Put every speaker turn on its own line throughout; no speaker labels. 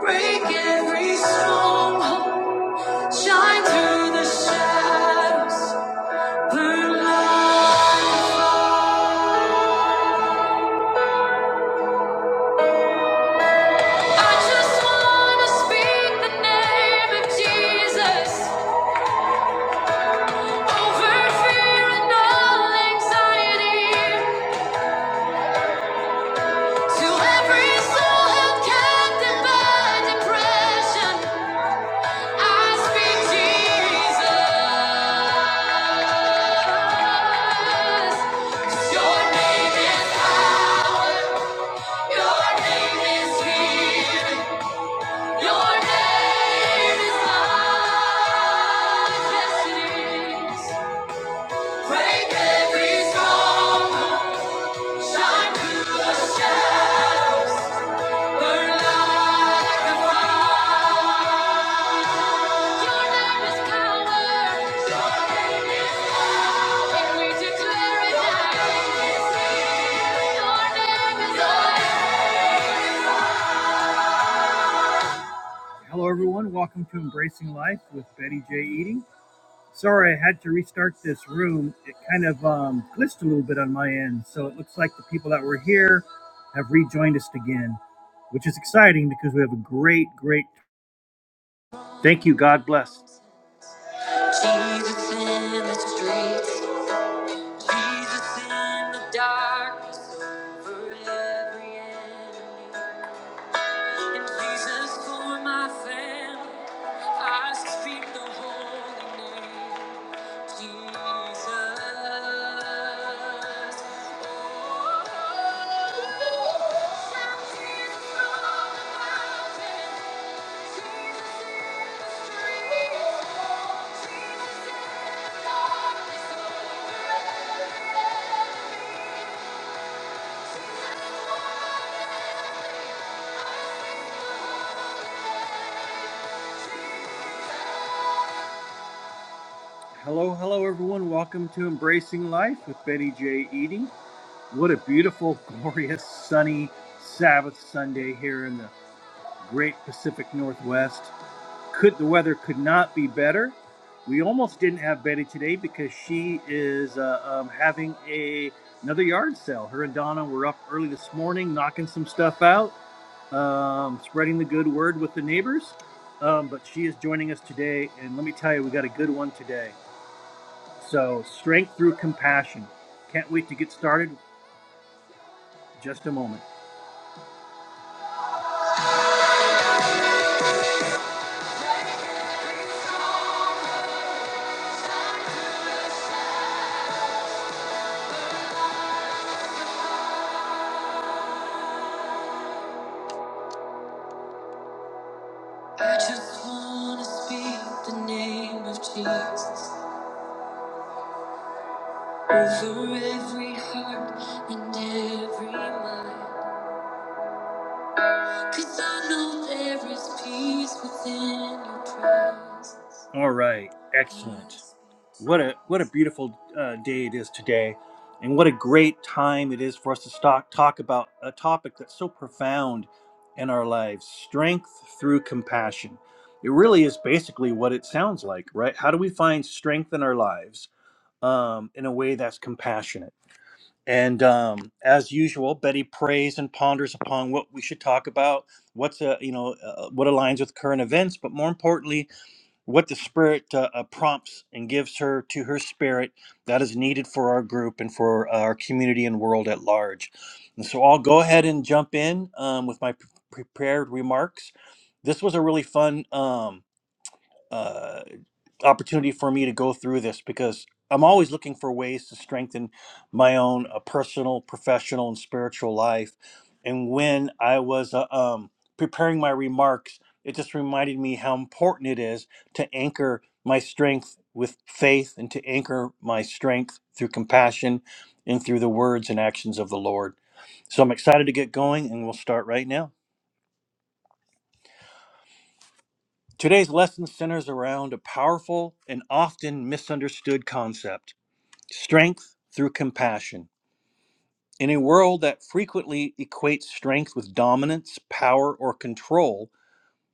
Break every stronghold, shine through the shadows, burn light. I just wanna speak the name of Jesus over fear and all anxiety. To every soul held captive by depression, I speak Jesus. Break every stronghold, shine through the shadows, burn like a fire. Your name is power. Your name Declare it now. Your name is life. Hello, everyone. Welcome to Embracing Life with Betty J. Eating. Sorry, I had to restart this room. It kind of um, glitched a little bit on my end, so it looks like the people that were here have rejoined us again, which is exciting because we have a great, great. Thank you. God bless. Jesus in the streets, Jesus in the dark, for every enemy. Hello, hello, everyone. Welcome to Embracing Life with Betty J. Eating. What a beautiful, glorious, sunny Sabbath Sunday here in the great Pacific Northwest. Could the weather could not be better? We almost didn't have Betty today because she is uh, um, having a another yard sale. Her and Donna were up early this morning, knocking some stuff out, um, spreading the good word with the neighbors. Um, but she is joining us today, and let me tell you, we got a good one today. So strength through compassion. Can't wait to get started. Just a moment. I just want to speak the name of Jesus. Over every heart and every mind. 'Cause I know there is peace within your presence. All right, excellent. What a what a beautiful uh, day it is today, and what a great time it is for us to talk talk about a topic that's so profound in our lives: strength through compassion. It really is basically what it sounds like, right? How do we find strength in our lives um, in a way that's compassionate? And um, as usual, Betty prays and ponders upon what we should talk about, what's a, you know uh, uh, what aligns with current events, but more importantly, what the spirit uh, uh, prompts and gives her to her spirit that is needed for our group and for uh, our community and world at large. And so I'll go ahead and jump in um, with my pre- prepared remarks. This was a really fun. Um, uh, opportunity for me to go through this because I'm always looking for ways to strengthen my own uh, personal, professional, and spiritual life. And when I was uh, um, preparing my remarks, it just reminded me how important it is to anchor my strength with faith and to anchor my strength through compassion and through the words and actions of the Lord. So I'm excited to get going, and we'll start right now. Today's lesson centers around a powerful and often misunderstood concept strength through compassion. In a world that frequently equates strength with dominance, power, or control,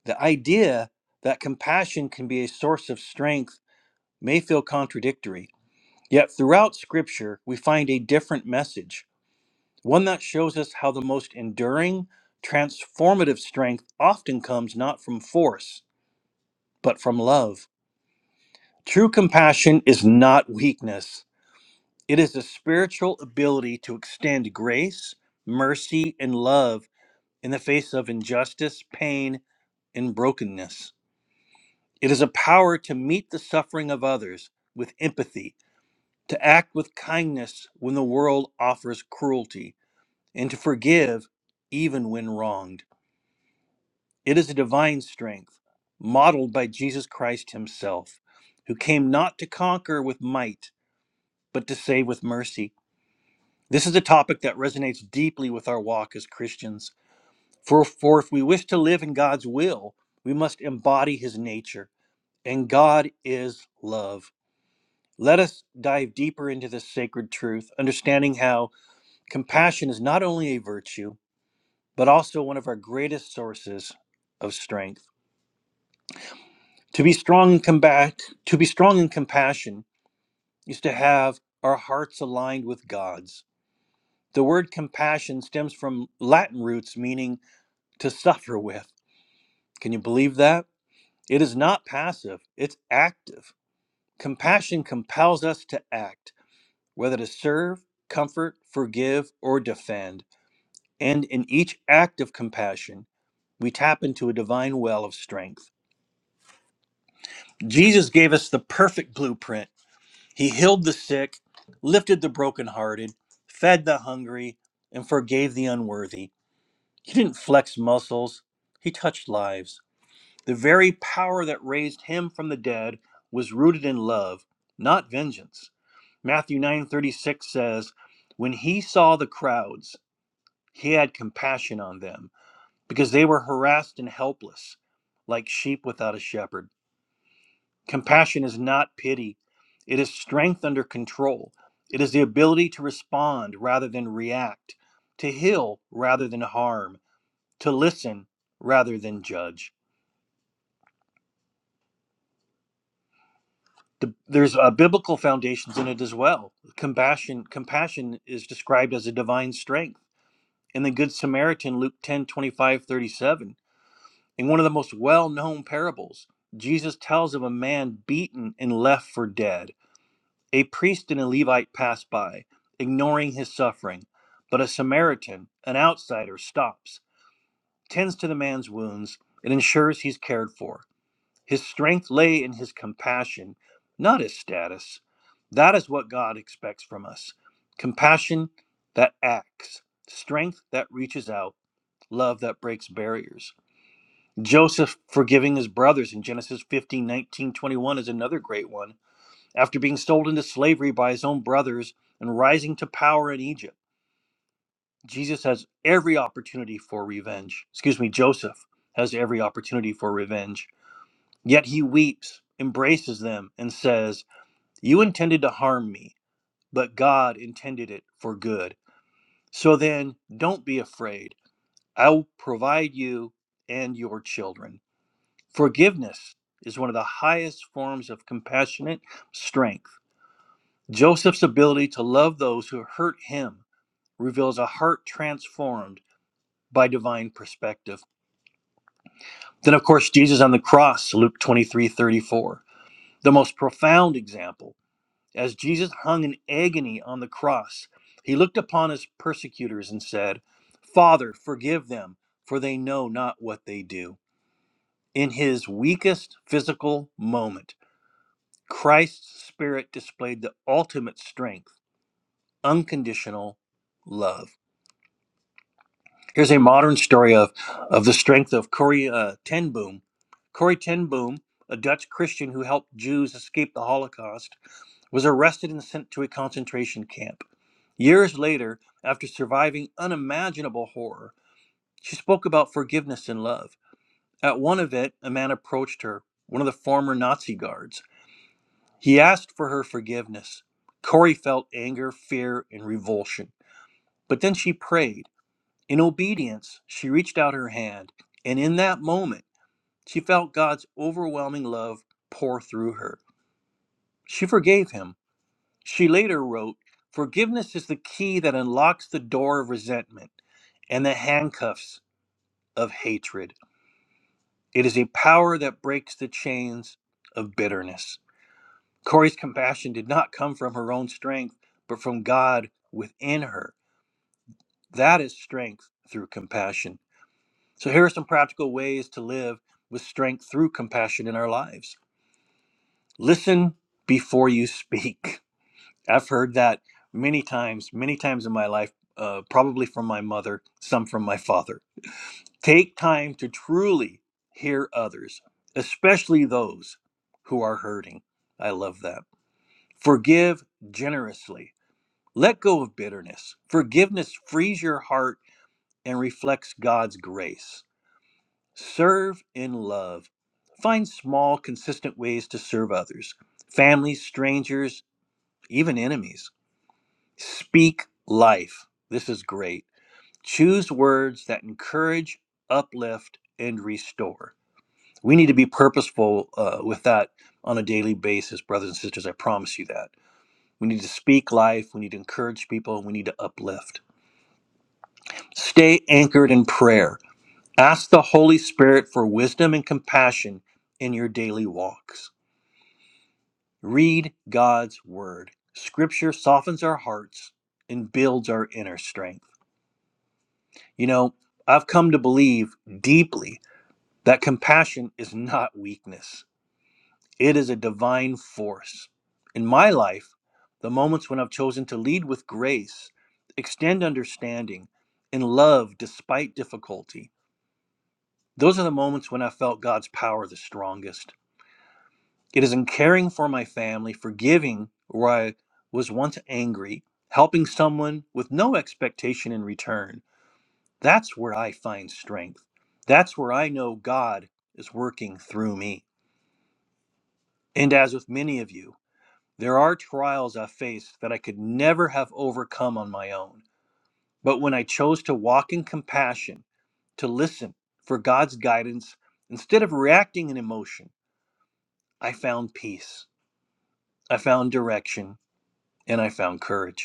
the idea that compassion can be a source of strength may feel contradictory. Yet throughout Scripture, we find a different message, one that shows us how the most enduring, transformative strength often comes not from force, but from love. True compassion is not weakness, it is a spiritual ability to extend grace, mercy, and love in the face of injustice, pain, and brokenness. It is a power to meet the suffering of others with empathy, to act with kindness when the world offers cruelty, and to forgive even when wronged. It is a divine strength modeled by Jesus Christ Himself, who came not to conquer with might, but to save with mercy. This is a topic that resonates deeply with our walk as Christians. For, for if we wish to live in God's will, we must embody his nature, and God is love. Let us dive deeper into this sacred truth, understanding how compassion is not only a virtue, but also one of our greatest sources of strength. To be strong in combat, to be strong in compassion is to have our hearts aligned with God's. The word compassion stems from Latin roots meaning to suffer with. Can you believe that? It is not passive, it's active. Compassion compels us to act, whether to serve, comfort, forgive, or defend. And in each act of compassion, we tap into a divine well of strength. Jesus gave us the perfect blueprint. He healed the sick, lifted the brokenhearted, fed the hungry, and forgave the unworthy. He didn't flex muscles, he touched lives. The very power that raised him from the dead was rooted in love, not vengeance. Matthew 9:36 says, "When he saw the crowds, he had compassion on them, because they were harassed and helpless, like sheep without a shepherd." Compassion is not pity. It is strength under control. It is the ability to respond rather than react, to heal rather than harm, to listen rather than judge. the, there's uh, biblical foundations in it as well. Compassion, compassion is described as a divine strength. In the Good Samaritan, Luke 10, twenty-five, 37, in one of the most well-known parables, Jesus tells of a man beaten and left for dead. A priest and a Levite pass by, ignoring his suffering, but a Samaritan, an outsider, stops, tends to the man's wounds, and ensures he's cared for. His strength lay in his compassion, not his status. That is what God expects from us compassion that acts, strength that reaches out, love that breaks barriers. Joseph forgiving his brothers in Genesis 15 nineteen, 21 is another great one. After being sold into slavery by his own brothers and rising to power in Egypt, Jesus has every opportunity for revenge. Excuse me, Joseph has every opportunity for revenge Yet he weeps, embraces them, and says, You intended to harm me, but God intended it for good. So then, don't be afraid. I will provide you and your children. Forgiveness is one of the highest forms of compassionate strength. Joseph's ability to love those who hurt him reveals a heart transformed by divine perspective. Then, of course, Jesus on the cross, Luke 23:34, the most profound example. As Jesus hung in agony on the cross, he looked upon his persecutors and said, Father, forgive them, for they know not what they do. In his weakest physical moment, Christ's spirit displayed the ultimate strength, unconditional love. Here's a modern story of, of the strength of Corrie uh, Ten Boom. Corrie Ten Boom, a Dutch Christian who helped Jews escape the Holocaust, was arrested and sent to a concentration camp. Years later, after surviving unimaginable horror, she spoke about forgiveness and love. At one event, a man approached her, one of the former Nazi guards. He asked for her forgiveness. Corrie felt anger, fear, and revulsion. But then she prayed. In obedience, she reached out her hand, and in that moment, she felt God's overwhelming love pour through her. She forgave him. She later wrote, Forgiveness is the key that unlocks the door of resentment and the handcuffs of hatred. It is a power that breaks the chains of bitterness. Corey's compassion did not come from her own strength, but from God within her. That is strength through compassion. So here are some practical ways to live with strength through compassion in our lives. Listen before you speak. I've heard that many times, many times in my life, uh, probably from my mother, some from my father. Take time to truly hear others, especially those who are hurting. I love that. Forgive generously. Let go of bitterness. Forgiveness frees your heart and reflects God's grace Serve in love. Find small, consistent ways to serve others, family strangers, even enemies. Speak life. This is great. Choose words that encourage, uplift, and restore. We need to be purposeful uh, with that on a daily basis, brothers and sisters. I promise you that. We need to speak life. We need to encourage people. We need to uplift. Stay anchored in prayer. Ask the Holy Spirit for wisdom and compassion in your daily walks. Read God's Word. Scripture softens our hearts and builds our inner strength. You know, I've come to believe deeply that compassion is not weakness, it is a divine force. In my life, the moments when I've chosen to lead with grace, extend understanding, and love despite difficulty, those are the moments when I felt God's power the strongest. It is in caring for my family, forgiving where I was once angry, helping someone with no expectation in return. That's where I find strength. That's where I know God is working through me. And as with many of you, there are trials I faced that I could never have overcome on my own. But when I chose to walk in compassion, to listen for God's guidance instead of reacting in emotion, I found peace, I found direction, and I found courage.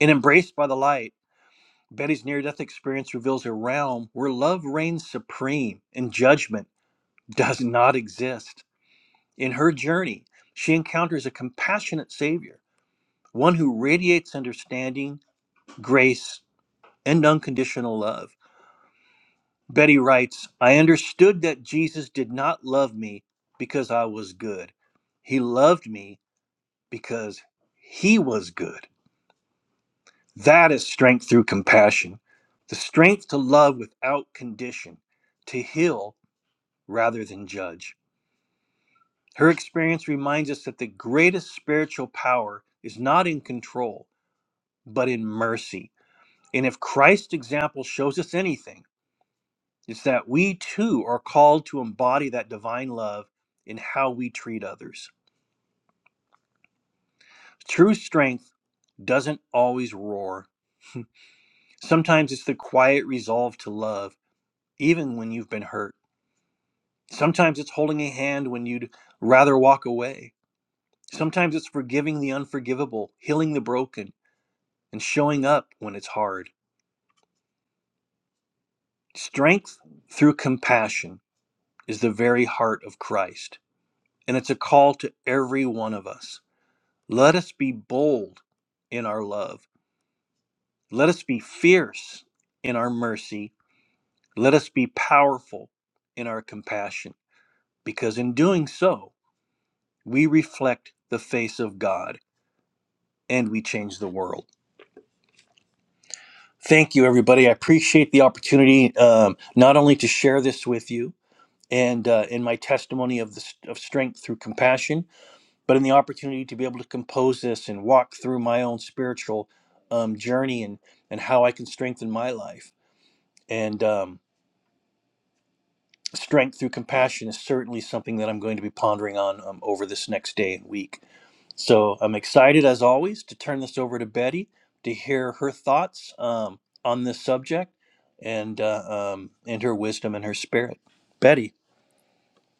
And embraced by the light, Betty's near death experience reveals a realm where love reigns supreme and judgment does not exist. In her journey, she encounters a compassionate Savior, one who radiates understanding, grace, and unconditional love. Betty writes, I understood that Jesus did not love me because I was good. He loved me because he was good. That is strength through compassion, the strength to love without condition, to heal rather than judge. Her experience reminds us that the greatest spiritual power is not in control, but in mercy. And if Christ's example shows us anything, it's that we too are called to embody that divine love in how we treat others. True strength doesn't always roar. Sometimes it's the quiet resolve to love, even when you've been hurt. Sometimes it's holding a hand when you'd rather walk away. Sometimes it's forgiving the unforgivable, healing the broken, and showing up when it's hard. Strength through compassion is the very heart of Christ, and it's a call to every one of us. Let us be bold in our love. Let us be fierce in our mercy. Let us be powerful in our compassion, because in doing so, we reflect the face of God and we change the world. Thank you, everybody. I appreciate the opportunity um, not only to share this with you and uh, in my testimony of the st- of strength through compassion, but in the opportunity to be able to compose this and walk through my own spiritual um, journey and and how I can strengthen my life. And um, strength through compassion is certainly something that I'm going to be pondering on um, over this next day and week. So I'm excited as always to turn this over to Betty to hear her thoughts um, on this subject and uh, um, and her wisdom and her spirit. Betty,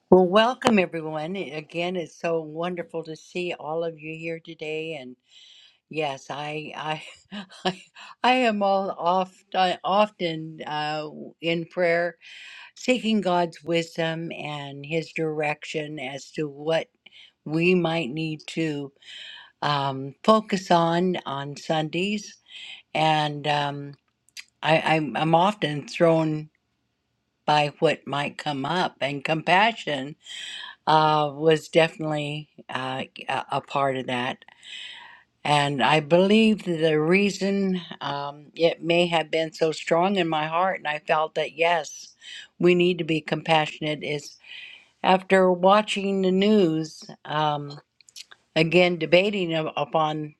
Well, welcome everyone. Again, it's so wonderful to see all of you here today. And yes, I, I, I, I am all oft, often uh, in prayer, seeking God's wisdom and His direction as to what we might need to um, focus on on Sundays. And um, I, I'm, I'm often thrown by what might come up, and compassion uh, was definitely uh, a a part of that. And I believe the reason um, it may have been so strong in my heart, and I felt that yes, we need to be compassionate, is after watching the news, um, again, debating up- upon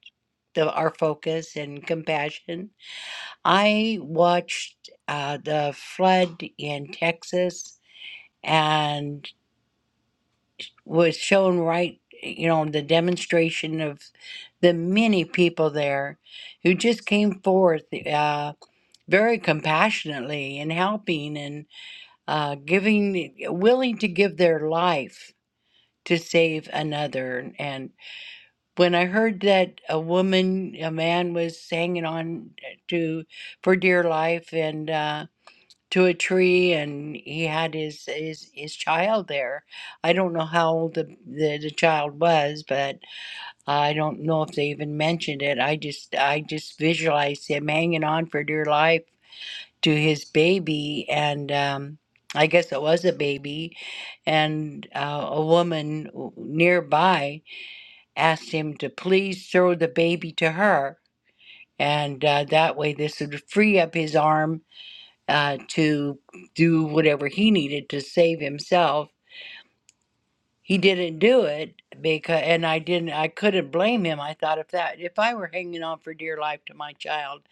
the, our focus and compassion, I watched uh, the flood in Texas was shown right, you know, the demonstration of the many people there who just came forth uh, very compassionately and helping and uh, giving, willing to give their life to save another. And when I heard that a woman, a man was hanging on to for dear life, and uh, to a tree and he had his his, his child there. I don't know how old the, the the child was, but I don't know if they even mentioned it. I just I just visualized him hanging on for dear life to his baby and um I guess it was a baby, and uh, a woman w- nearby asked him to please throw the baby to her, and uh, that way this would free up his arm uh, to do whatever he needed to save himself. He didn't do it because, and I didn't. I couldn't blame him. I thought if that, if I were hanging on for dear life to my child,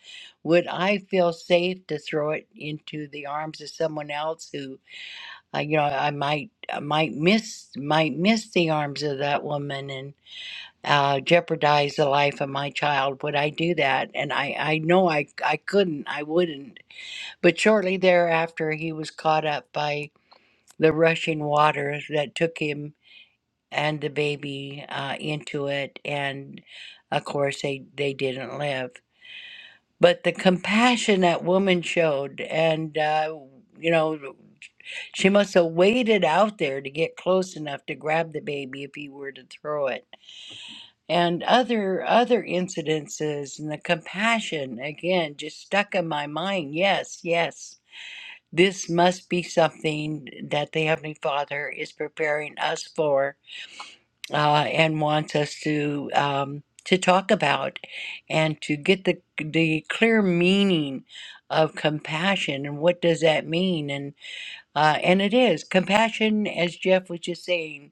would I feel safe to throw it into the arms of someone else who, uh, you know, I might I might miss might miss the arms of that woman and uh, jeopardize the life of my child? Would I do that? And I I know I I couldn't. I wouldn't. But shortly thereafter, he was caught up by the rushing waters that took him and the baby uh, into it. And of course, they, they didn't live. But the compassion that woman showed, and, uh, you know, she must have waited out there to get close enough to grab the baby if he were to throw it. And other other incidences and the compassion again just stuck in my mind. Yes, yes this must be something that the Heavenly Father is preparing us for uh, and wants us to um, to talk about and to get the the clear meaning of compassion and what does that mean and uh, and it is compassion as Jeff was just saying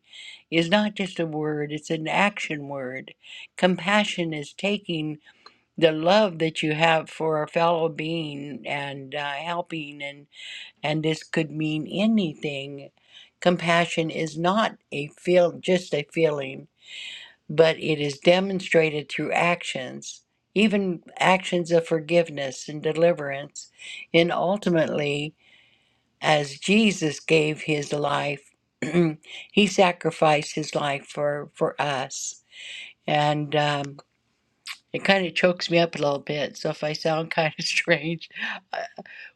is not just a word it's an action word compassion is taking the love that you have for a fellow being and uh, helping and and this could mean anything. Compassion is not a feel just a feeling, but it is demonstrated through actions, even actions of forgiveness and deliverance, and ultimately, as Jesus gave his life, he sacrificed his life for for us, and. Um, it kind of chokes me up a little bit, so if I sound kind of strange, uh,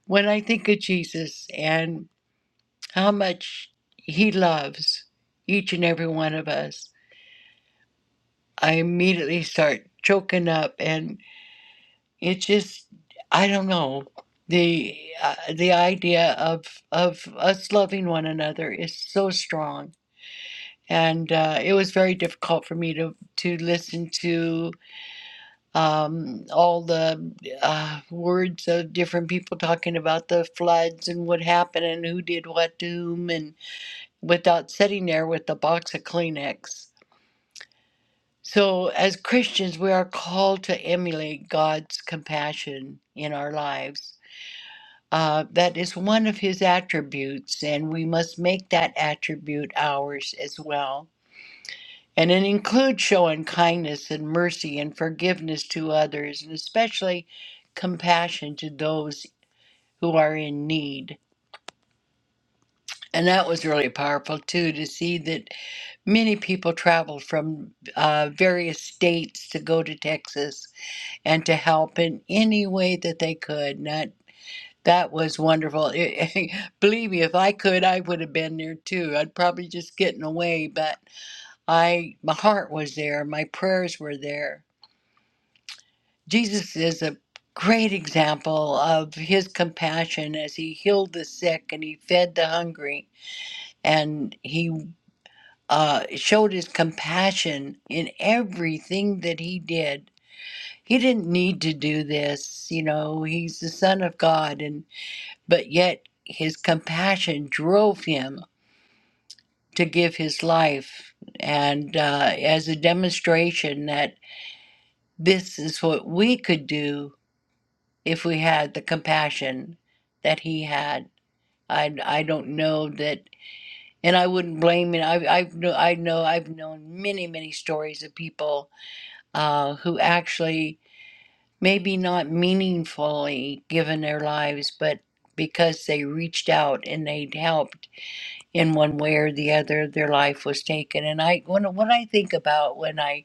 when I think of Jesus. and. how much He loves each and every one of us. I immediately start choking up, and it's just I don't know the uh, the idea of of us loving one another is so strong, and uh, it was very difficult for me to to listen to um, all the uh, words of different people talking about the floods and what happened and who did what to whom and without sitting there with a box of Kleenex. So, as Christians, we are called to emulate God's compassion in our lives. Uh, that is one of his attributes, and we must make that attribute ours as well. And it includes showing kindness and mercy and forgiveness to others, and especially compassion to those who are in need. And that was really powerful, too, to see that Many people traveled from uh, various states to go to Texas and to help in any way that they could. And that, that was wonderful. It- believe me, if I could, I would have been there too. I'd probably just gotten away, but I my heart was there. My prayers were there. Jesus is a great example of his compassion as he healed the sick and he fed the hungry and he uh, showed his compassion in everything that he did. He didn't need to do this, you know. He's the son of God, and but yet his compassion drove him to give his life, and uh, as a demonstration that this is what we could do if we had the compassion that he had. I I don't know that, and I wouldn't blame him. I I've I've kno- I know I've known many many stories of people uh, who actually maybe not meaningfully given their lives, but because they reached out and they helped in one way or the other, their life was taken. And I, when, what I think about when I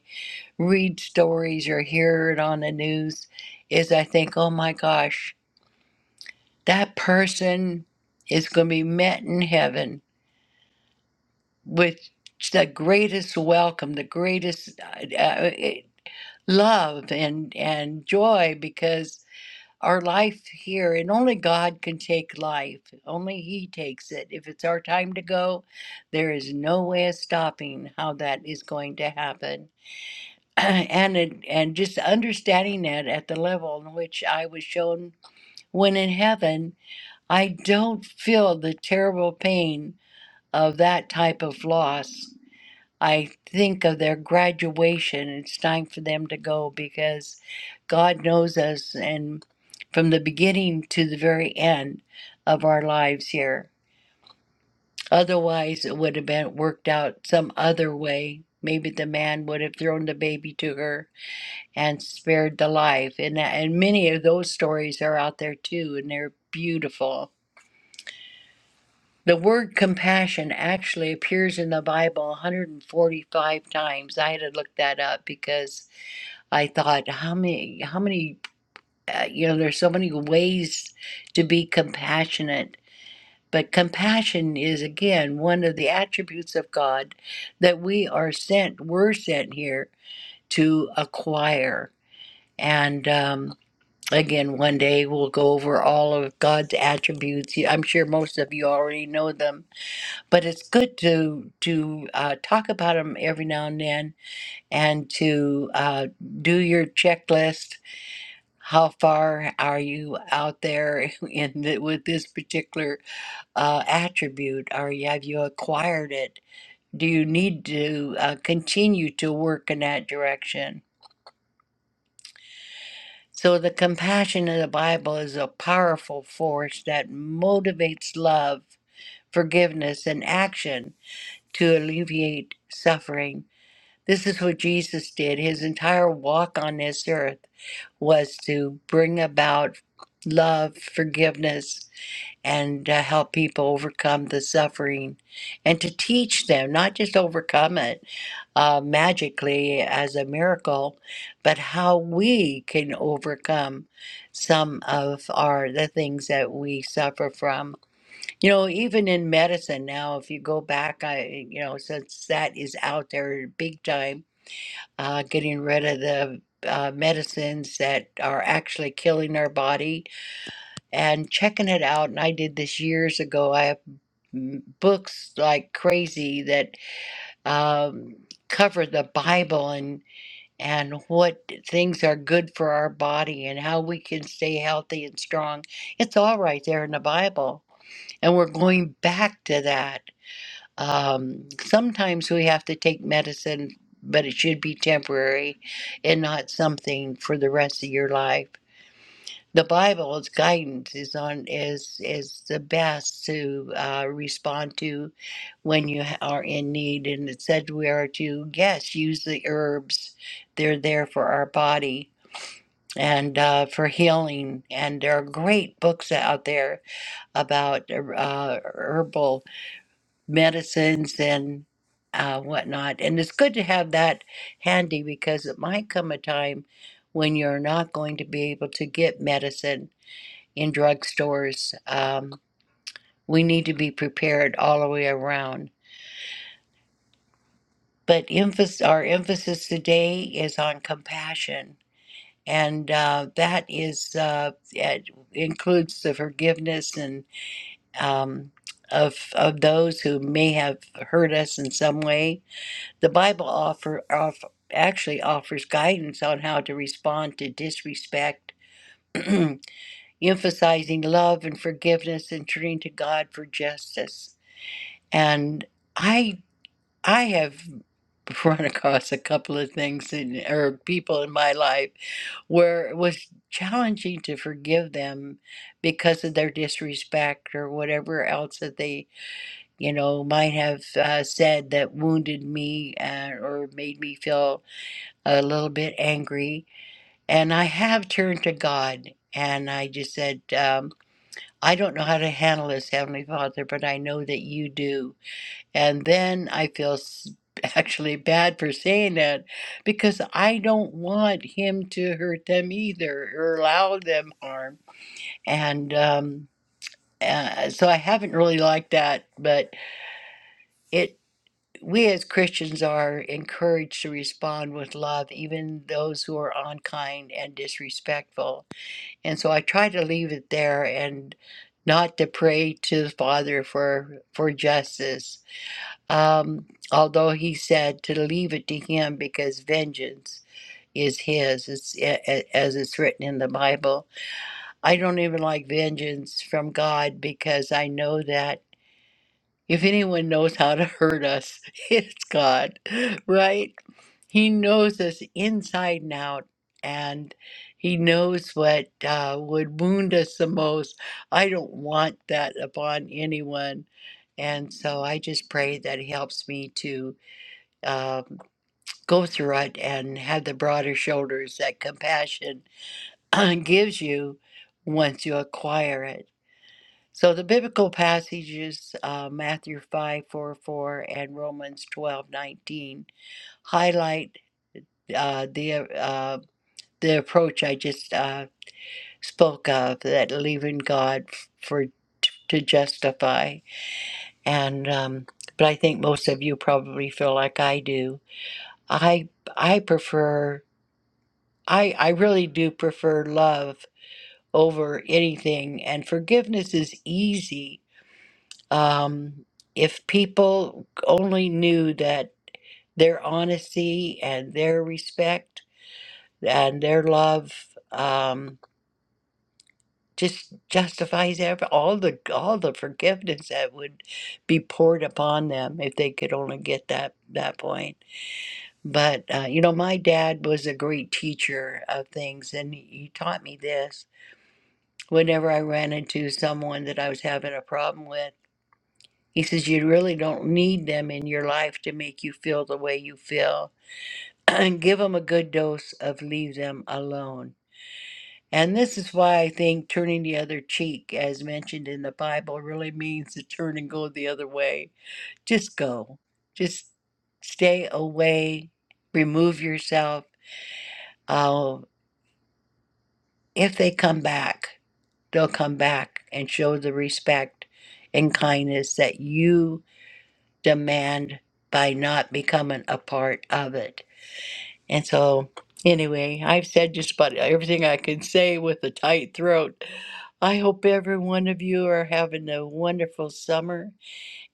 read stories or hear it on the news is I think, oh my gosh, that person is going to be met in heaven with the greatest welcome, the greatest uh, uh, love and, and joy because our life here, and only God can take life. Only He takes it. If it's our time to go, there is no way of stopping how that is going to happen. and it, and just understanding that at the level in which I was shown when in heaven, I don't feel the terrible pain of that type of loss. I think of their graduation. It's time for them to go because God knows us and from the beginning to the very end of our lives here. Otherwise, it would have been worked out some other way. Maybe the man would have thrown the baby to her and spared the life. And, and many of those stories are out there too, and they're beautiful. The word compassion actually appears in the Bible 145 times. I had to look that up because I thought, how many, how many, uh, you know, there's so many ways to be compassionate, but compassion is again one of the attributes of God that we are sent, we're sent here to acquire. And um, again, one day we'll go over all of God's attributes. You- I'm sure most of you already know them, but it's good to to uh, talk about them every now and then, and to uh, do your checklist How far are you out there in the, with this particular uh, attribute? Are you, have you acquired it? Do you need to uh, continue to work in that direction? So the compassion of the Bible is a powerful force that motivates love, forgiveness, and action to alleviate suffering. This is what Jesus did. His entire walk on this earth was to bring about love, forgiveness, and to help people overcome the suffering and to teach them not just overcome it uh, magically as a miracle but how we can overcome some of our the things that we suffer from you know even in medicine now if you go back i you know since that is out there big time uh, getting rid of the uh, medicines that are actually killing our body and checking it out. And I did this years ago. I have m- books like crazy that um, cover the Bible and and what things are good for our body and how we can stay healthy and strong. It's all right there in the Bible, and we're going back to that. Um, sometimes we have to take medicine, but it should be temporary and not something for the rest of your life the Bible's guidance is on is is the best to uh, respond to when you ha- are in need. And it said we are to yes use the herbs; they're there for our body and uh, for healing. And there are great books out there about uh, uh, herbal medicines and. Uh, whatnot, and it's good to have that handy because it might come a time when you're not going to be able to get medicine in drugstores. Um, we need to be prepared all the way around. But emphasis, our emphasis today is on compassion, and uh, that is uh, it includes the forgiveness and um, of of those who may have hurt us in some way. The Bible offer off actually offers guidance on how to respond to disrespect. emphasizing love and forgiveness and turning to God for justice. And I I have run across a couple of things in, or people in my life where it was challenging to forgive them because of their disrespect or whatever else that they you know might have uh, said that wounded me uh, or made me feel a little bit angry and i have turned to god and i just said um, i don't know how to handle this heavenly father but i know that you do and then I feel s- actually bad for saying that because I don't want him to hurt them either or allow them harm. And um, uh, so I haven't really liked that, but it we as Christians are encouraged to respond with love, even those who are unkind and disrespectful. And so I try to leave it there and not to pray to the Father for for justice um, although he said to leave it to him because vengeance is his, it's, a- a- as it's written in the Bible. I don't even like vengeance from God because I know that if anyone knows how to hurt us, it's God, right? He knows us inside and out, and he knows what uh, would wound us the most. I don't want that upon anyone. And so I just pray that he helps me to um, go through it and have the broader shoulders that compassion gives you once you acquire it. So the biblical passages, uh, Matthew 5 4 4 and Romans twelve nineteen highlight uh, the, uh, the approach I just uh, spoke of that leaving God for to justify. And um, but I think most of you probably feel like I do. I I prefer I I really do prefer love over anything, and forgiveness is easy. Um, if people only knew that their honesty and their respect and their love um, just justifies every, all the all the forgiveness that would be poured upon them if they could only get that that point. But uh, you know, my dad was a great teacher of things, and he taught me this whenever I ran into someone that I was having a problem with. He says, You really don't need them in your life to make you feel the way you feel. And give them a good dose of leave them alone. And this is why I think turning the other cheek, as mentioned in the Bible, really means to turn and go the other way. Just go. Just stay away. Remove yourself. Uh, if they come back. they'll come back and show the respect and kindness that you demand by not becoming a part of it. And so, anyway, I've said just about everything I can say with a tight throat. I hope every one of you are having a wonderful summer.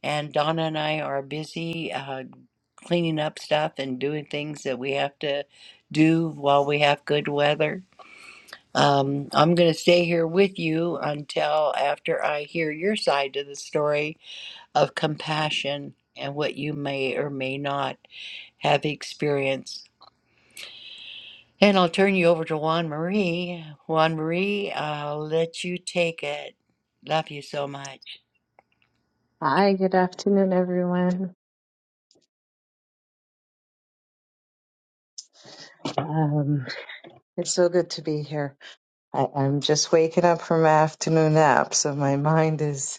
And Donna and I are busy uh, cleaning up stuff and doing things that we have to do while we have good weather. Um, I'm going to stay here with you until after I hear your side of the story of compassion and what you may or may not have experienced. And I'll turn you over to Juan Marie. Juan Marie, I'll let you take it. Love you so much.
Hi, good afternoon, everyone. Um, it's so good to be here. I, I'm just waking up from my afternoon nap, so my mind is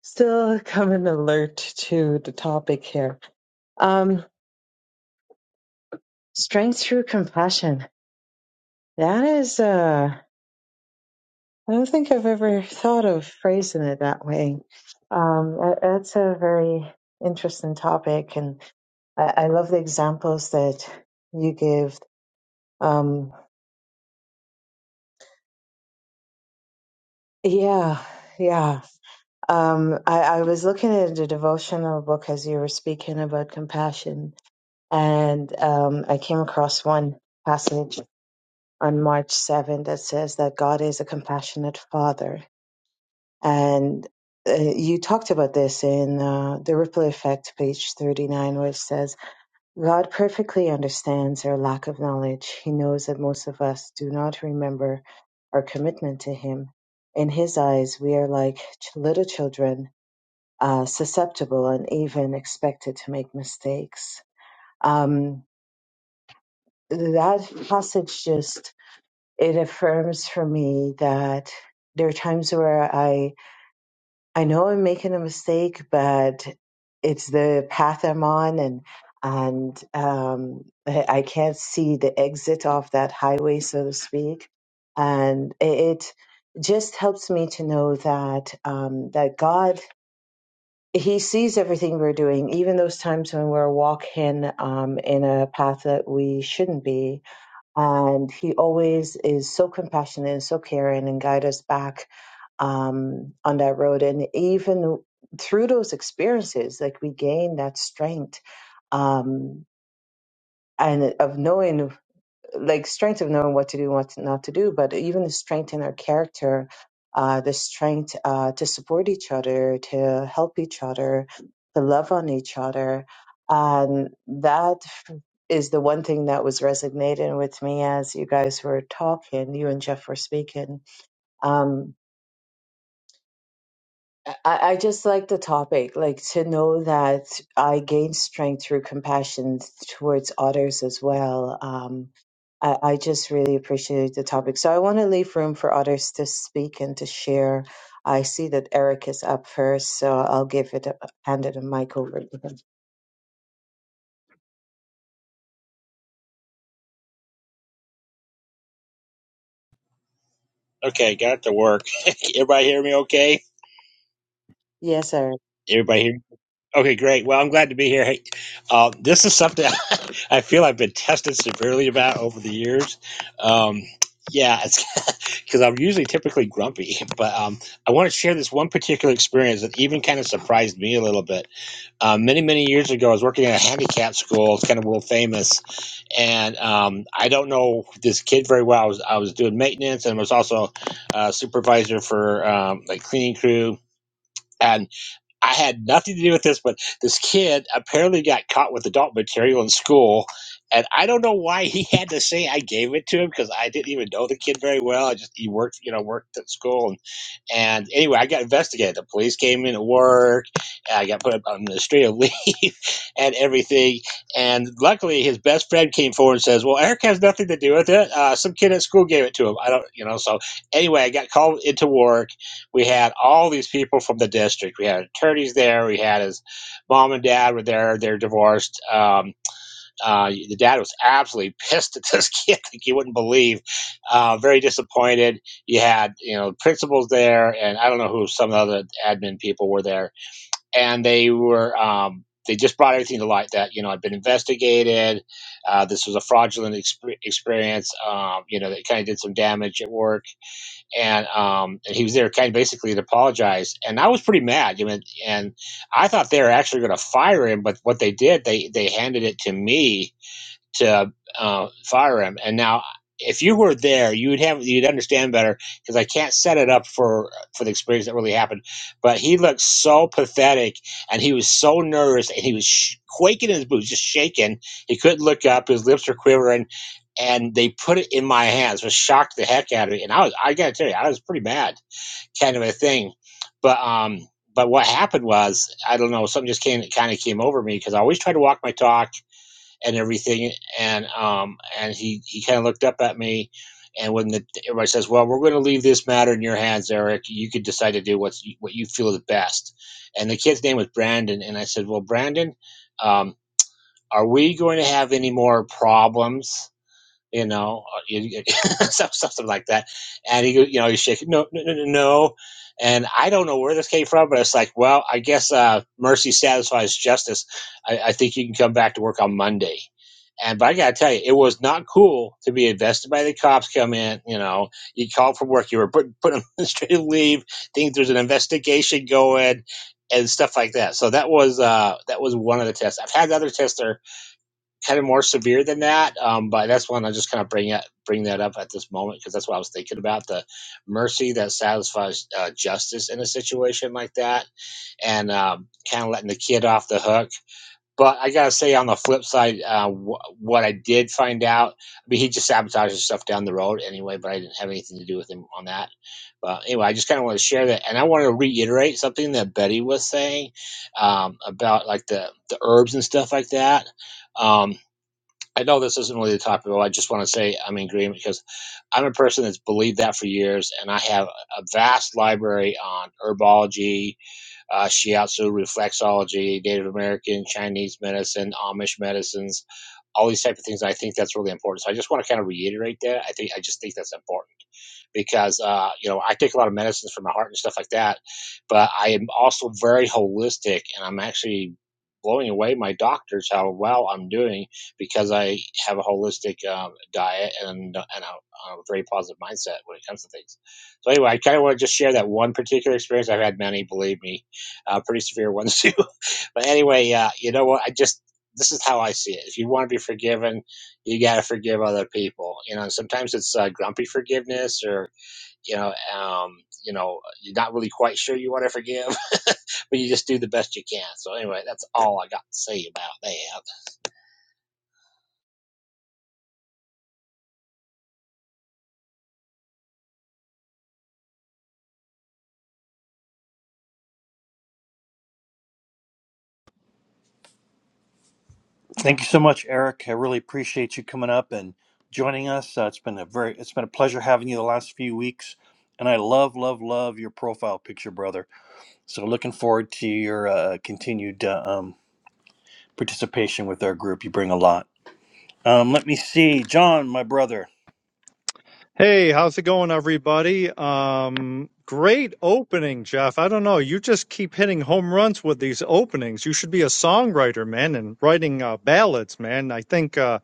still coming alert to the topic here. Um, strength through compassion. That is, uh, I don't think I've ever thought of phrasing it that way. Um, that- that's a very interesting topic, and I, I love the examples that you give. Um, yeah, yeah. Um, I, I was looking at a devotional book as you were speaking about compassion, and um, I came across one passage on March 7 that says that God is a compassionate father. And uh, you talked about this in uh, The Ripple Effect, page 39, where it says, God perfectly understands our lack of knowledge. He knows that most of us do not remember our commitment to Him. In His eyes, we are like ch- little children uh, susceptible and even expected to make mistakes. Um, that passage just it affirms for me that there are times where I I know I'm making a mistake, but it's the path I'm on, and and um, I I can't see the exit off that highway, so to speak. And it it just helps me to know that um, that God he sees everything we're doing, even those times when we're walking um, in a path that we shouldn't be. And he always is so compassionate and so caring and guide us back um, on that road. And even through those experiences, like we gain that strength um, and of knowing like strength of knowing what to do and what not to do, but even the strength in our character, uh, the strength uh, to support each other, to help each other, to love on each other. And that is the one thing that was resonating with me as you guys were talking, you and Jeff were speaking. Um, I, I just like the topic, like to know that I gain strength through compassion towards others as well. Um, I, I just really appreciate the topic. So I want to leave room for others to speak and to share. I see that Eric is up first, so I'll give it a, hand it a mic over to him.
Okay, got it to work. Everybody hear me okay?
Yes, Eric.
Everybody hear? me? Okay, great. Well, I'm glad to be here. Hey, uh, this is something I feel I've been tested severely about over the years. Um, yeah, it's because I'm usually typically grumpy, but um, I want to share this one particular experience that even kind of surprised me a little bit. um, many many years ago i was working at a handicap school it's kind of world famous and um, i don't know this kid very well i was, I was doing maintenance and was also uh, supervisor for um, like cleaning crew and I had nothing to do with this, but this kid apparently got caught with adult material in school. And I don't know why he had to say I gave it to him because I didn't even know the kid very well. I just he worked, you know, worked at school, and, and anyway, I got investigated. The police came into work, and I got put up on administrative leave and everything. And luckily, his best friend came forward and says, "Well, Eric has nothing to do with it. Uh, some kid at school gave it to him. I don't, you know." So anyway, I got called into work we had all these people from the district. We had attorneys there. We had his mom and dad were there. They're divorced. Um, uh, the dad was absolutely pissed at this kid, like you wouldn't believe. Uh, very disappointed. You had you know principals there, and I don't know who some of the other admin people were there, and they were. Um, they just brought everything to light that you know I've been investigated. Uh, this was a fraudulent exp- experience. Um, you know, that kind of did some damage at work and um, and he was there kind of basically to apologize. And I was pretty mad. You know, and I thought they were actually going to fire him, but what they did, they they handed it to me to uh, fire him. And now, if you were there, you would have you'd understand better because I can't set it up for for the experience that really happened. But he looked so pathetic, and he was so nervous, and he was sh- quaking in his boots, just shaking. He couldn't look up; his lips were quivering. And they put it in my hands, which shocked the heck out of me. And I was, I gotta tell you, I was pretty mad, kind of a thing. But um, but what happened was, I don't know, something just came, kind of came over me because I always try to walk my talk and everything. And um, and he he kind of looked up at me, and when the, everybody says, "Well, we're going to leave this matter in your hands, Eric. You could decide to do what's what you feel is best." And the kid's name was Brandon, and I said, "Well, Brandon, um, are we going to have any more problems?" you know, uh, you- you- something like that. And he, you know, he's shaking, no, no, no, no, no. And I don't know where this came from, but it's like, well, I guess uh, mercy satisfies justice. I, I think you can come back to work on Monday. And but I gotta tell you, it was not cool to be invested by the cops. Come in, you know, you called for work, you were put put on administrative leave. Think there's an investigation going, and stuff like that. So that was uh, that was one of the tests. I've had the other tests kind of more severe than that. Um, but that's one I just kind of bring it, bring that up at this moment because that's what I was thinking about the mercy that satisfies uh, justice in a situation like that, and um, kind of letting the kid off the hook. But I gotta say, on the flip side, uh, wh- what I did find out, I mean, he just sabotages stuff down the road anyway. But I didn't have anything to do with him on that. But anyway, I just kind of want to share that, and I want to reiterate something that Betty was saying um, about like the the herbs and stuff like that Um, I know this isn't really the topic, but I just want to say I'm in agreement because I'm a person that's believed that for years, and I have a vast library on herbology, uh, shiatsu, reflexology, Native American, Chinese medicine, Amish medicines, all these type of things. I think that's really important. So I just want to kind of reiterate that. I think I just think that's important because uh, you know I take a lot of medicines for my heart and stuff like that, but I am also very holistic, and I'm actually blowing away my doctors how well I'm doing because I have a holistic um, diet and and a, a very positive mindset when it comes to things. So anyway, I kind of want to just share that one particular experience. I've had many, believe me, uh, pretty severe ones too. but anyway, uh, you know what? I just this is how I see it. If you want to be forgiven, you got to forgive other people. You know, sometimes it's uh, grumpy forgiveness or you know, um, you know, you're not really quite sure you want to forgive, but you just do the best you can. So anyway, that's all I got to say about that.
thank you so much, Eric. I really appreciate you coming up and joining us. Uh, it's been a very it's been a pleasure having you the last few weeks, and I love love love your profile picture, brother. So looking forward to your uh, continued uh, um, participation with our group. You bring a lot. Um, let me see, John, my brother.
Hey, how's it going, everybody? Um, great opening, Jeff. I don't know. You just keep hitting home runs with these openings. You should be a songwriter, man, and writing uh, ballads, man. I think uh,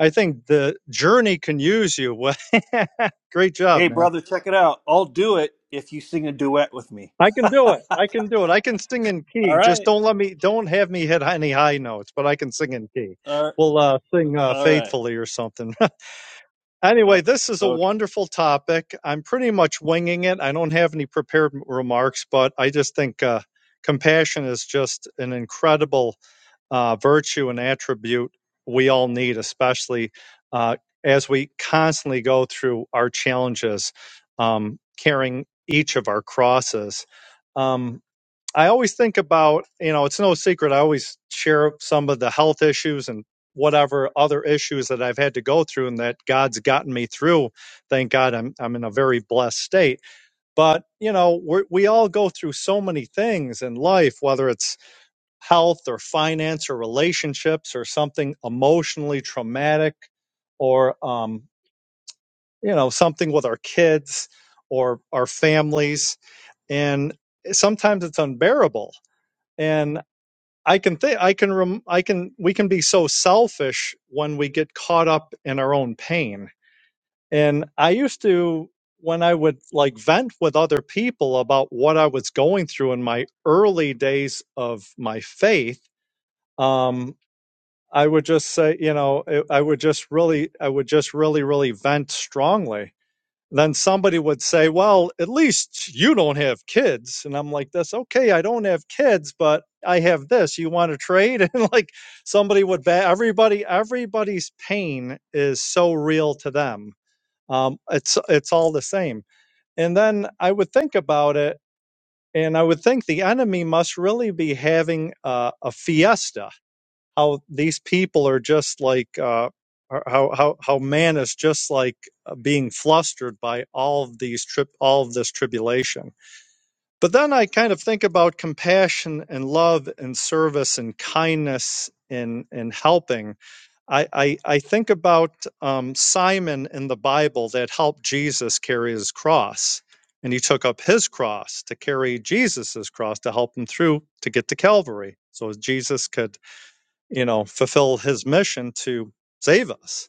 I think the journey can use you. Well, great job,
Hey,
man.
brother, check it out. I'll do it if you sing a duet with me.
I can do it. I can do it. I can sing in
All
key. Just
right.
don't let me. Don't have me hit any high notes, but I can sing in key.
All
We'll uh, sing uh,
all right.
faithfully or something. Anyway,
Oh,
this is a
okay.
wonderful topic. I'm pretty much winging it. I don't have any prepared remarks, but I just think uh, compassion is just an incredible uh, virtue and attribute we all need, especially uh, as we constantly go through our challenges, um, carrying each of our crosses. Um, I always think about, you know, it's no secret. I always share some of the health issues and whatever other issues that I've had to go through and that God's gotten me through. Thank God I'm, I'm in a very blessed state. But, you know, we're, we all go through so many things in life, whether it's health or finance or relationships or something emotionally traumatic or, um, you know, something with our kids or our families. And sometimes it's unbearable. and. I can think I can rem- I can we can be so selfish when we get caught up in our own pain. And I used to when I would like vent with other people about what I was going through in my early days of my faith, um I would just say, you know, I I would just really I would just really really vent strongly then somebody would say, Well, at least you don't have kids. And I'm like, That's okay. I don't have kids, but I have this. You want to trade? And like somebody would bat everybody, everybody's pain is so real to them. Um, it's it's all the same. And then I would think about it, and I would think the enemy must really be having a, a fiesta how these people are just like uh, how how how man is just like uh, being flustered by all of these trip all of this tribulation. But then I kind of think about compassion and love and service and kindness and and helping. I I, I think about um, Simon in the Bible that helped Jesus carry his cross. And he took up his cross to carry Jesus's cross to help him through to get to Calvary, so Jesus could you know, fulfill his mission to save us.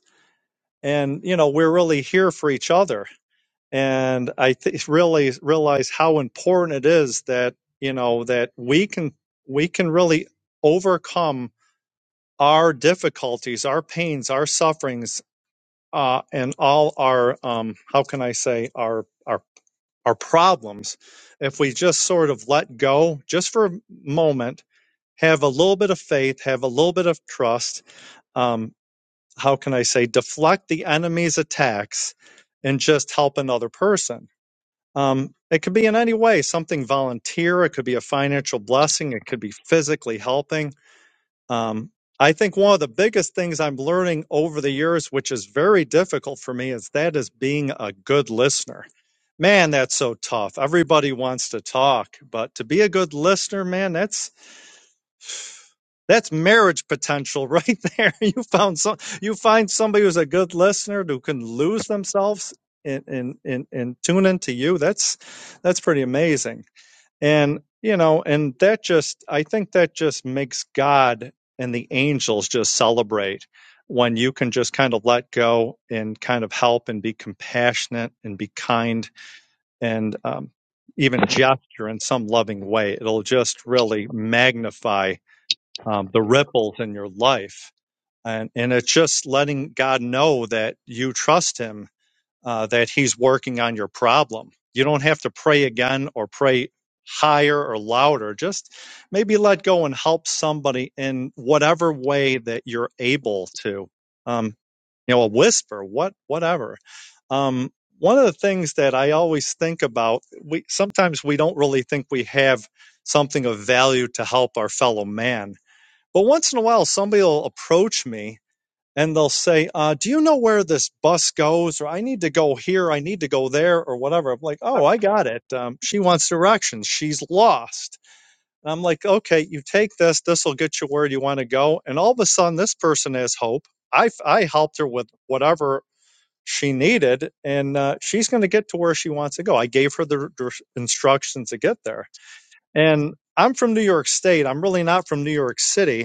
And, you know, we're really here for each other. And I th- really realize how important it is that, you know, that we can, we can really overcome our difficulties, our pains, our sufferings, uh, and all our, um, how can I say, our, our, our problems. If we just sort of let go just for a moment, have a little bit of faith, have a little bit of trust, um, how can I say deflect the enemy's attacks and just help another person. Um, it could be in any way something volunteer. It could be a financial blessing. It could be physically helping. Um, I think one of the biggest things I'm learning over the years, which is very difficult for me, is that is being a good listener. Man, that's so tough. Everybody wants to talk, but to be a good listener, man, that's that's marriage potential right there. You found some, you find somebody who's a good listener who can lose themselves and and and, and tune into you. That's that's pretty amazing. And you know, and that just I think that just makes God and the angels just celebrate when you can just kind of let go and kind of help and be compassionate and be kind and um, even gesture in some loving way. It'll just really magnify um, the ripples in your life. And, and it's just letting God know that you trust Him, uh, that He's working on your problem. You don't have to pray again or pray higher or louder. Just maybe let go and help somebody in whatever way that you're able to. Um, you know, a whisper, what, whatever. Um, one of the things that I always think about, we sometimes we don't really think we have something of value to help our fellow man but once in a while, somebody will approach me and they'll say, uh, Do you know where this bus goes? Or I need to go here, I need to go there, or whatever. I'm like, Oh, I got it. Um, she wants directions. She's lost. And I'm like, Okay, you take this. This will get you where you want to go. And all of a sudden, this person has hope. I I helped her with whatever she needed, and uh, she's going to get to where she wants to go. I gave her the dir- instructions to get there. And I'm from New York State. I'm really not from New York City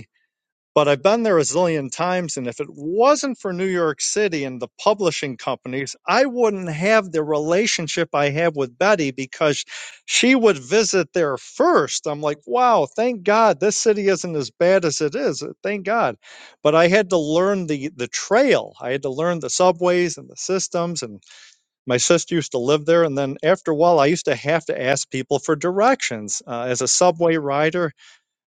but I've been there a zillion times, and if it wasn't for New York City and the publishing companies, I wouldn't have the relationship I have with Betty because she would visit there first. I'm like, wow, thank God this city isn't as bad as it is. Thank God. But I had to learn the the trail. I had to learn the subways and the systems. And my sister used to live there, and then after a while, I used to have to ask people for directions uh, as a subway rider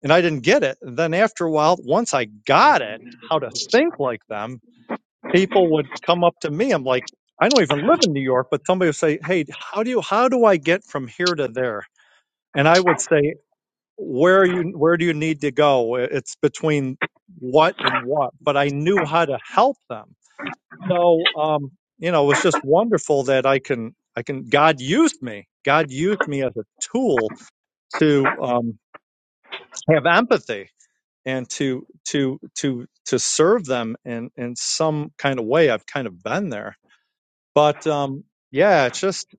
and I didn't get it. And then after a while, once I got it, how to think like them, people would come up to me. I'm like, I don't even live in New York, but somebody would say, Hey, how do you, how do I get from here to there? And I would say, where are you, where do you need to go? It's between what and what, but I knew how to help them. So, um, you know, it was just wonderful that I can, I can, God used me. God used me as a tool to, um, have empathy and to to to to serve them in in some kind of way i've kind of been there but um yeah it's just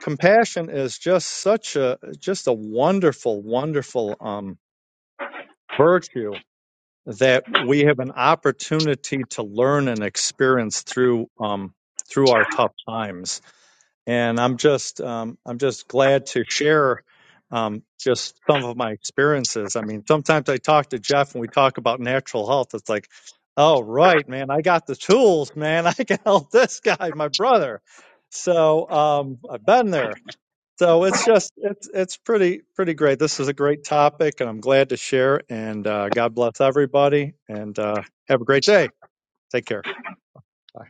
compassion is just such a just a wonderful wonderful um virtue that we have an opportunity to learn and experience through um through our tough times and I'm just um, I'm just glad to share um, just some of my experiences. I mean, sometimes I talk to Jeff and we talk about natural health. It's like, oh right, man, I got the tools, man. I can help this guy, my brother. So um, I've been there. So it's just it's it's pretty pretty great. This is a great topic, and I'm glad to share. And uh, God bless everybody, and uh, have a great day. Take care. Bye.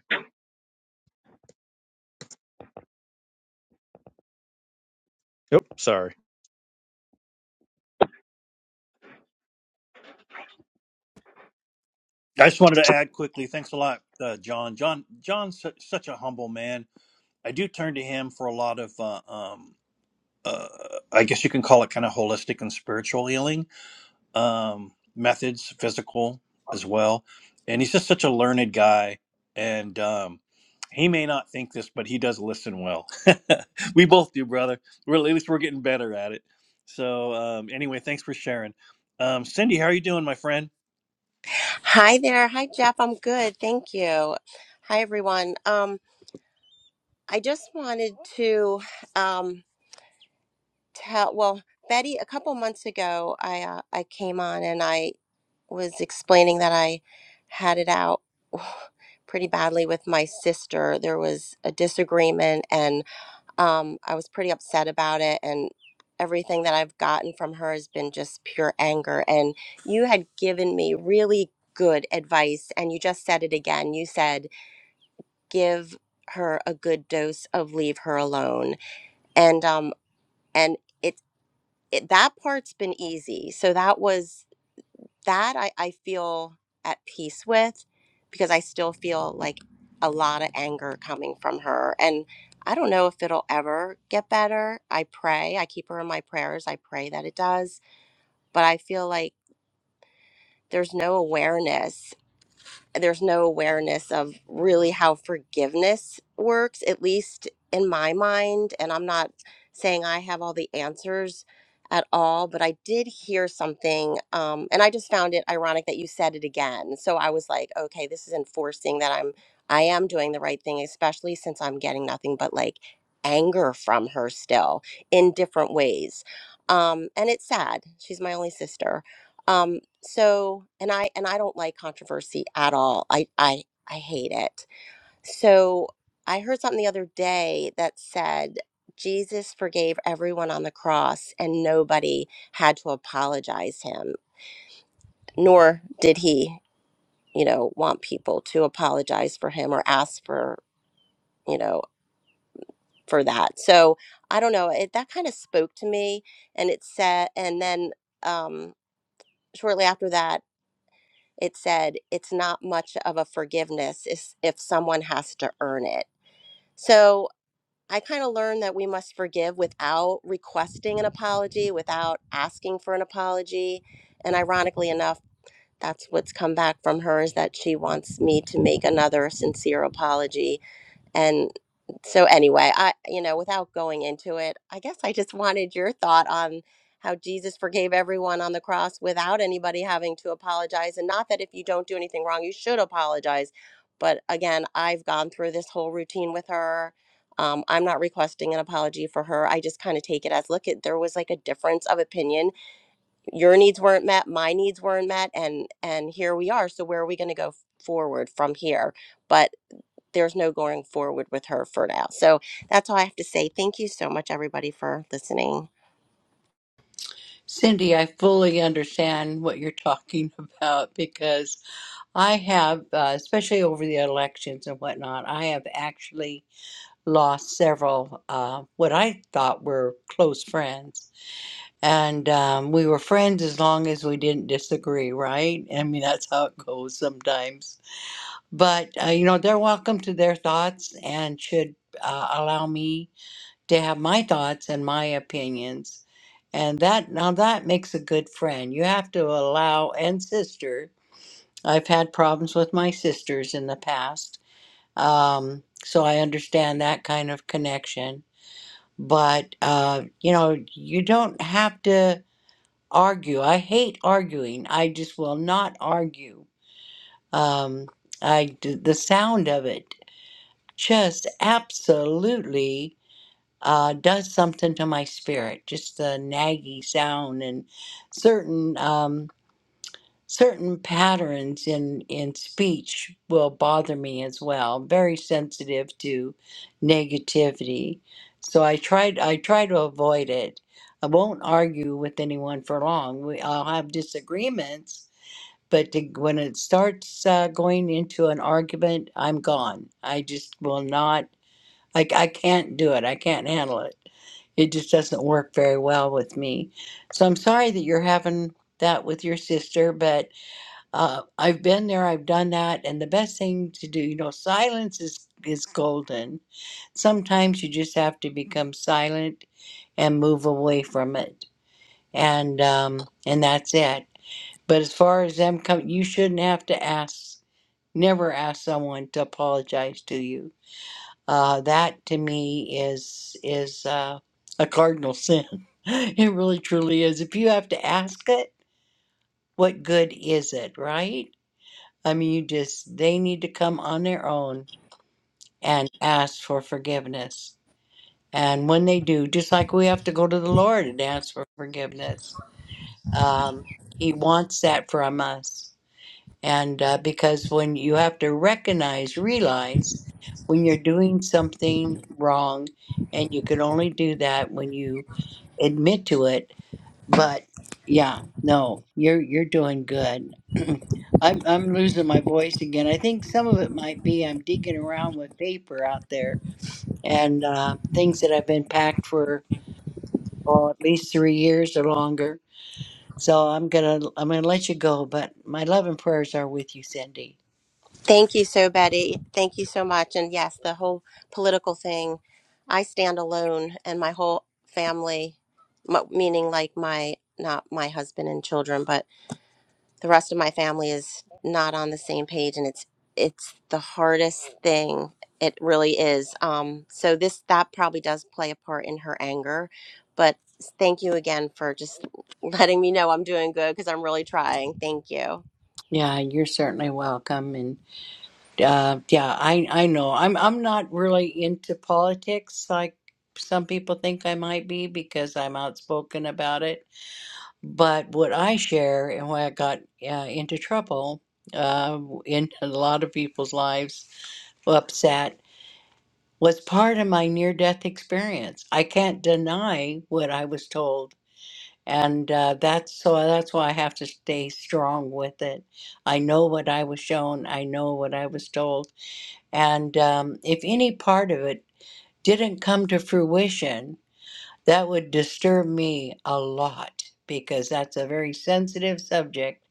Yep. Sorry.
I just wanted to add quickly. Thanks a lot, uh, John. John. John's su- such a humble man. I do turn to him for a lot of, uh, um, uh, I guess you can call it kind of holistic and spiritual healing. um, methods, physical as well. And he's just such a learned guy. And um, he may not think this, but he does listen well. we both do, brother. We're, at least we're getting better at it. So, um, anyway, thanks for sharing. Um, Cindy, how are you doing, my friend?
Hi there. Hi, Jeff. I'm good. Thank you. Hi, everyone. Um, I just wanted to um, tell, well, Betty, a couple months ago, I, uh, I came on and I was explaining that I had it out pretty badly with my sister. There was a disagreement, and. Um, I was pretty upset about it, and everything that I've gotten from her has been just pure anger. And you had given me really good advice, and you just said it again. You said, give her a good dose of leave her alone. And, um, and it, it, that part's been easy. So that was that I, I feel at peace with because I still feel like a lot of anger coming from her. And I don't know if it'll ever get better. I pray. I keep her in my prayers. I pray that it does. But I feel like there's no awareness there's no awareness of really how forgiveness works at least in my mind and i'm not saying i have all the answers at all but i did hear something um, and i just found it ironic that you said it again so i was like okay this is enforcing that i'm i am doing the right thing especially since i'm getting nothing but like anger from her still in different ways um, and it's sad she's my only sister um, so and i and i don't like controversy at all i i i hate it so i heard something the other day that said jesus forgave everyone on the cross and nobody had to apologize him nor did he you know want people to apologize for him or ask for you know for that so i don't know it that kind of spoke to me and it said and then um shortly after that it said it's not much of a forgiveness if if someone has to earn it. So I kind of learned that we must forgive without requesting an apology, without asking for an apology. And ironically enough, that's what's come back from her is that she wants me to make another sincere apology and so, anyway, I, you know, without going into it, I guess I just wanted your thought on how Jesus forgave everyone on the cross without anybody having to apologize. And not that if you don't do anything wrong, you should apologize. But again, I've gone through this whole routine with her. Um, I'm not requesting an apology for her. I just kind of take it as look at there was like a difference of opinion. Your needs weren't met, my needs weren't met, and and here we are. So where are we going to go forward from here? But there's no going forward with her for now. So that's all I have to say. Thank you so much, everybody, for listening.
Cindy, I fully understand what you're talking about because I have, uh, especially over the elections and whatnot, I have actually lost several uh, what I thought were close friends. And um, we were friends as long as we didn't disagree, right? I mean, that's how it goes sometimes. But, uh, you know, they're welcome to their thoughts and should uh, allow me to have my thoughts and my opinions. And that, now that makes a good friend. You have to allow, and sister, I've had problems with my sisters in the past. Um, so I understand that kind of connection but uh, you know you don't have to argue i hate arguing i just will not argue um, i d- the sound of it just absolutely uh, does something to my spirit just the naggy sound and certain Um, certain patterns in in speech will bother me as well. I'm very sensitive to negativity, so I tried I try to avoid it. I won't argue with anyone for long. We, I'll have disagreements, but to, when it starts uh, going into an argument, I'm gone. I just will not. Like I can't do it. I can't handle it. It just doesn't work very well with me. So I'm sorry that you're having that with your sister, but uh, I've been there, I've done that, and the best thing to do, you know, silence is is golden. Sometimes you just have to become silent and move away from it, and um, and that's it. But as far as them come, you shouldn't have to ask. Never ask someone to apologize to you. Uh, that to me is is uh, a cardinal sin. it really truly is. If you have to ask it, what good is it, right? I mean, you just, they need to come on their own and ask for forgiveness. And when they do, just like we have to go to the Lord and ask for forgiveness, um, He wants that from us. And uh, because when you have to recognize, realize when you're doing something wrong, and you can only do that when you admit to it but yeah, no, you're you're doing good. I'm I'm losing my voice again. I think some of it might be I'm digging around with paper out there and uh, things that have been packed for oh at least three years or longer. So I'm gonna I'm gonna let you go, but my love and prayers are with you, Cindy.
Thank you so, Betty. Thank you so much. And yes, the whole political thing, I stand alone, and my whole family, m- meaning like my not my husband and children, but the rest of my family is not on the same page and it's it's the hardest thing it really is um so this that probably does play a part in her anger but thank you again for just letting me know i'm doing good because i'm really trying thank you
Yeah, you're certainly welcome. And uh, yeah, I I know I'm I'm not really into politics like some people think I might be because I'm outspoken about it But what I share and why I got uh, into trouble uh, in a lot of people's lives, upset, was part of my near death experience. I can't deny what I was told. And uh, that's so that's why I have to stay strong with it. I know what I was shown, I know what I was told. And um, if any part of it didn't come to fruition, that would disturb me a lot because that's a very sensitive subject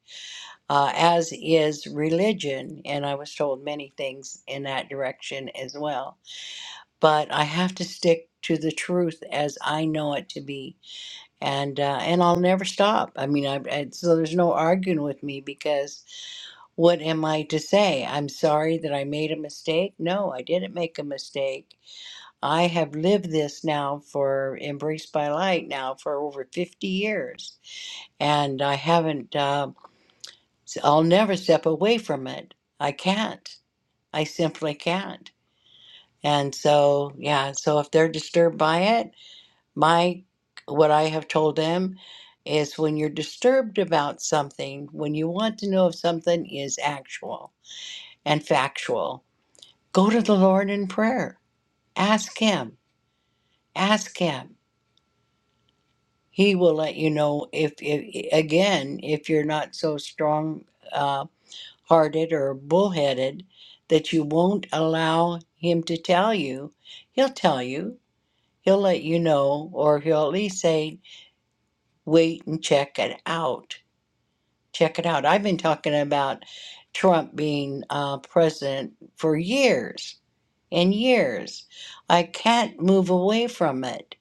uh, as is religion. And I was told many things in that direction as well. But I have to stick to the truth as I know it to be, and uh, and I'll never stop. I mean, I, I so there's no arguing with me because what am I to say? I'm sorry that I made a mistake. No, I didn't make a mistake. I have lived this now for Embraced by Light now for over 50 years, and I haven't. Uh, so I'll never step away from it. I can't. I simply can't. And so, yeah, so if they're disturbed by it, my what I have told them is when you're disturbed about something, when you want to know if something is actual and factual, go to the Lord in prayer. Ask him. Ask him. He will let you know if, if again, if you're not so strong uh, hearted or bullheaded that you won't allow him to tell you, he'll tell you. He'll let you know, or he'll at least say, wait and check it out. Check it out. I've been talking about Trump being uh, president for years and years. I can't move away from it.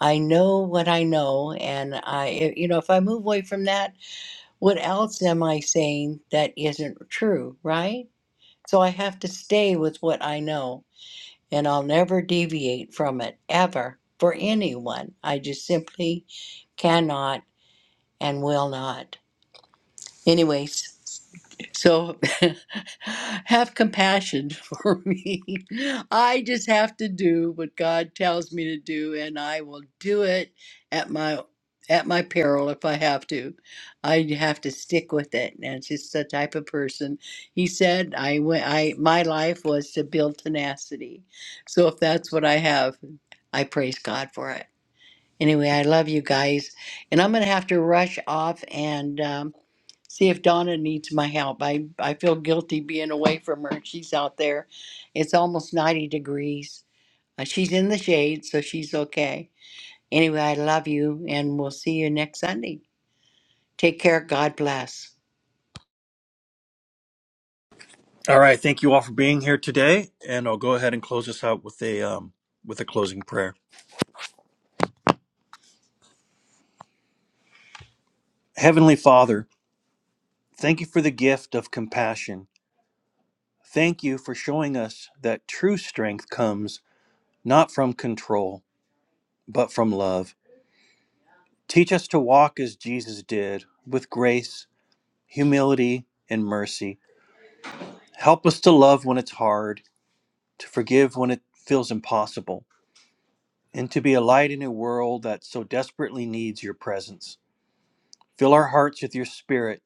I know what I know, and I, you know, if I move away from that, what else am I saying that isn't true, right? So I have to stay with what I know, and I'll never deviate from it, ever, for anyone. I just simply cannot and will not. Anyways, so have compassion for me. I just have to do what God tells me to do and I will do it at my at my peril if I have to. I have to stick with it. And it's just the type of person. He said I went I my life was to build tenacity. So if that's what I have, I praise God for it. Anyway, I love you guys. And I'm gonna have to rush off and um see if Donna needs my help. I, I feel guilty being away from her. She's out there. It's almost 90 degrees. Uh, she's in the shade, so she's okay. Anyway, I love you, and we'll see you next Sunday. Take care. God bless.
All right. Thank you all for being here today. And I'll go ahead and close this out with a, um, with a closing prayer. Heavenly Father, thank you for the gift of compassion. Thank you for showing us that true strength comes. not from control, but from love. Teach us to walk as Jesus did, with grace, humility, and mercy. Help us to love when it's hard, to forgive when it feels impossible, and to be a light in a world that so desperately needs your presence. Fill our hearts with your spirit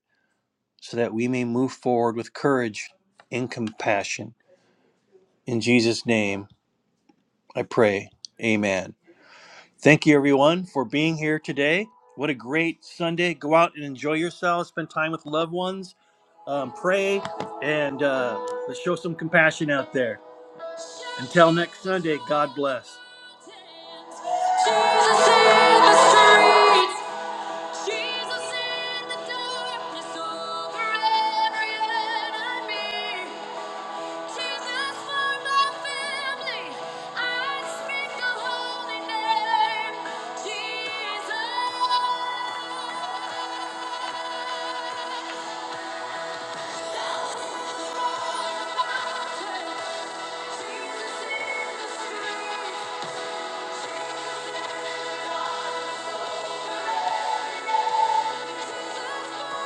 so that we may move forward with courage and compassion. In Jesus' name, I pray. Amen. Thank you, everyone, for being here today. What a great Sunday. Go out and enjoy yourselves, spend time with loved ones, um, pray, and uh, let's show some compassion out there. Until next Sunday, God bless. Jesus in the streets, Jesus in the darkness over every enemy. Jesus for my family, I speak the holy name. Jesus, Jesus in the street.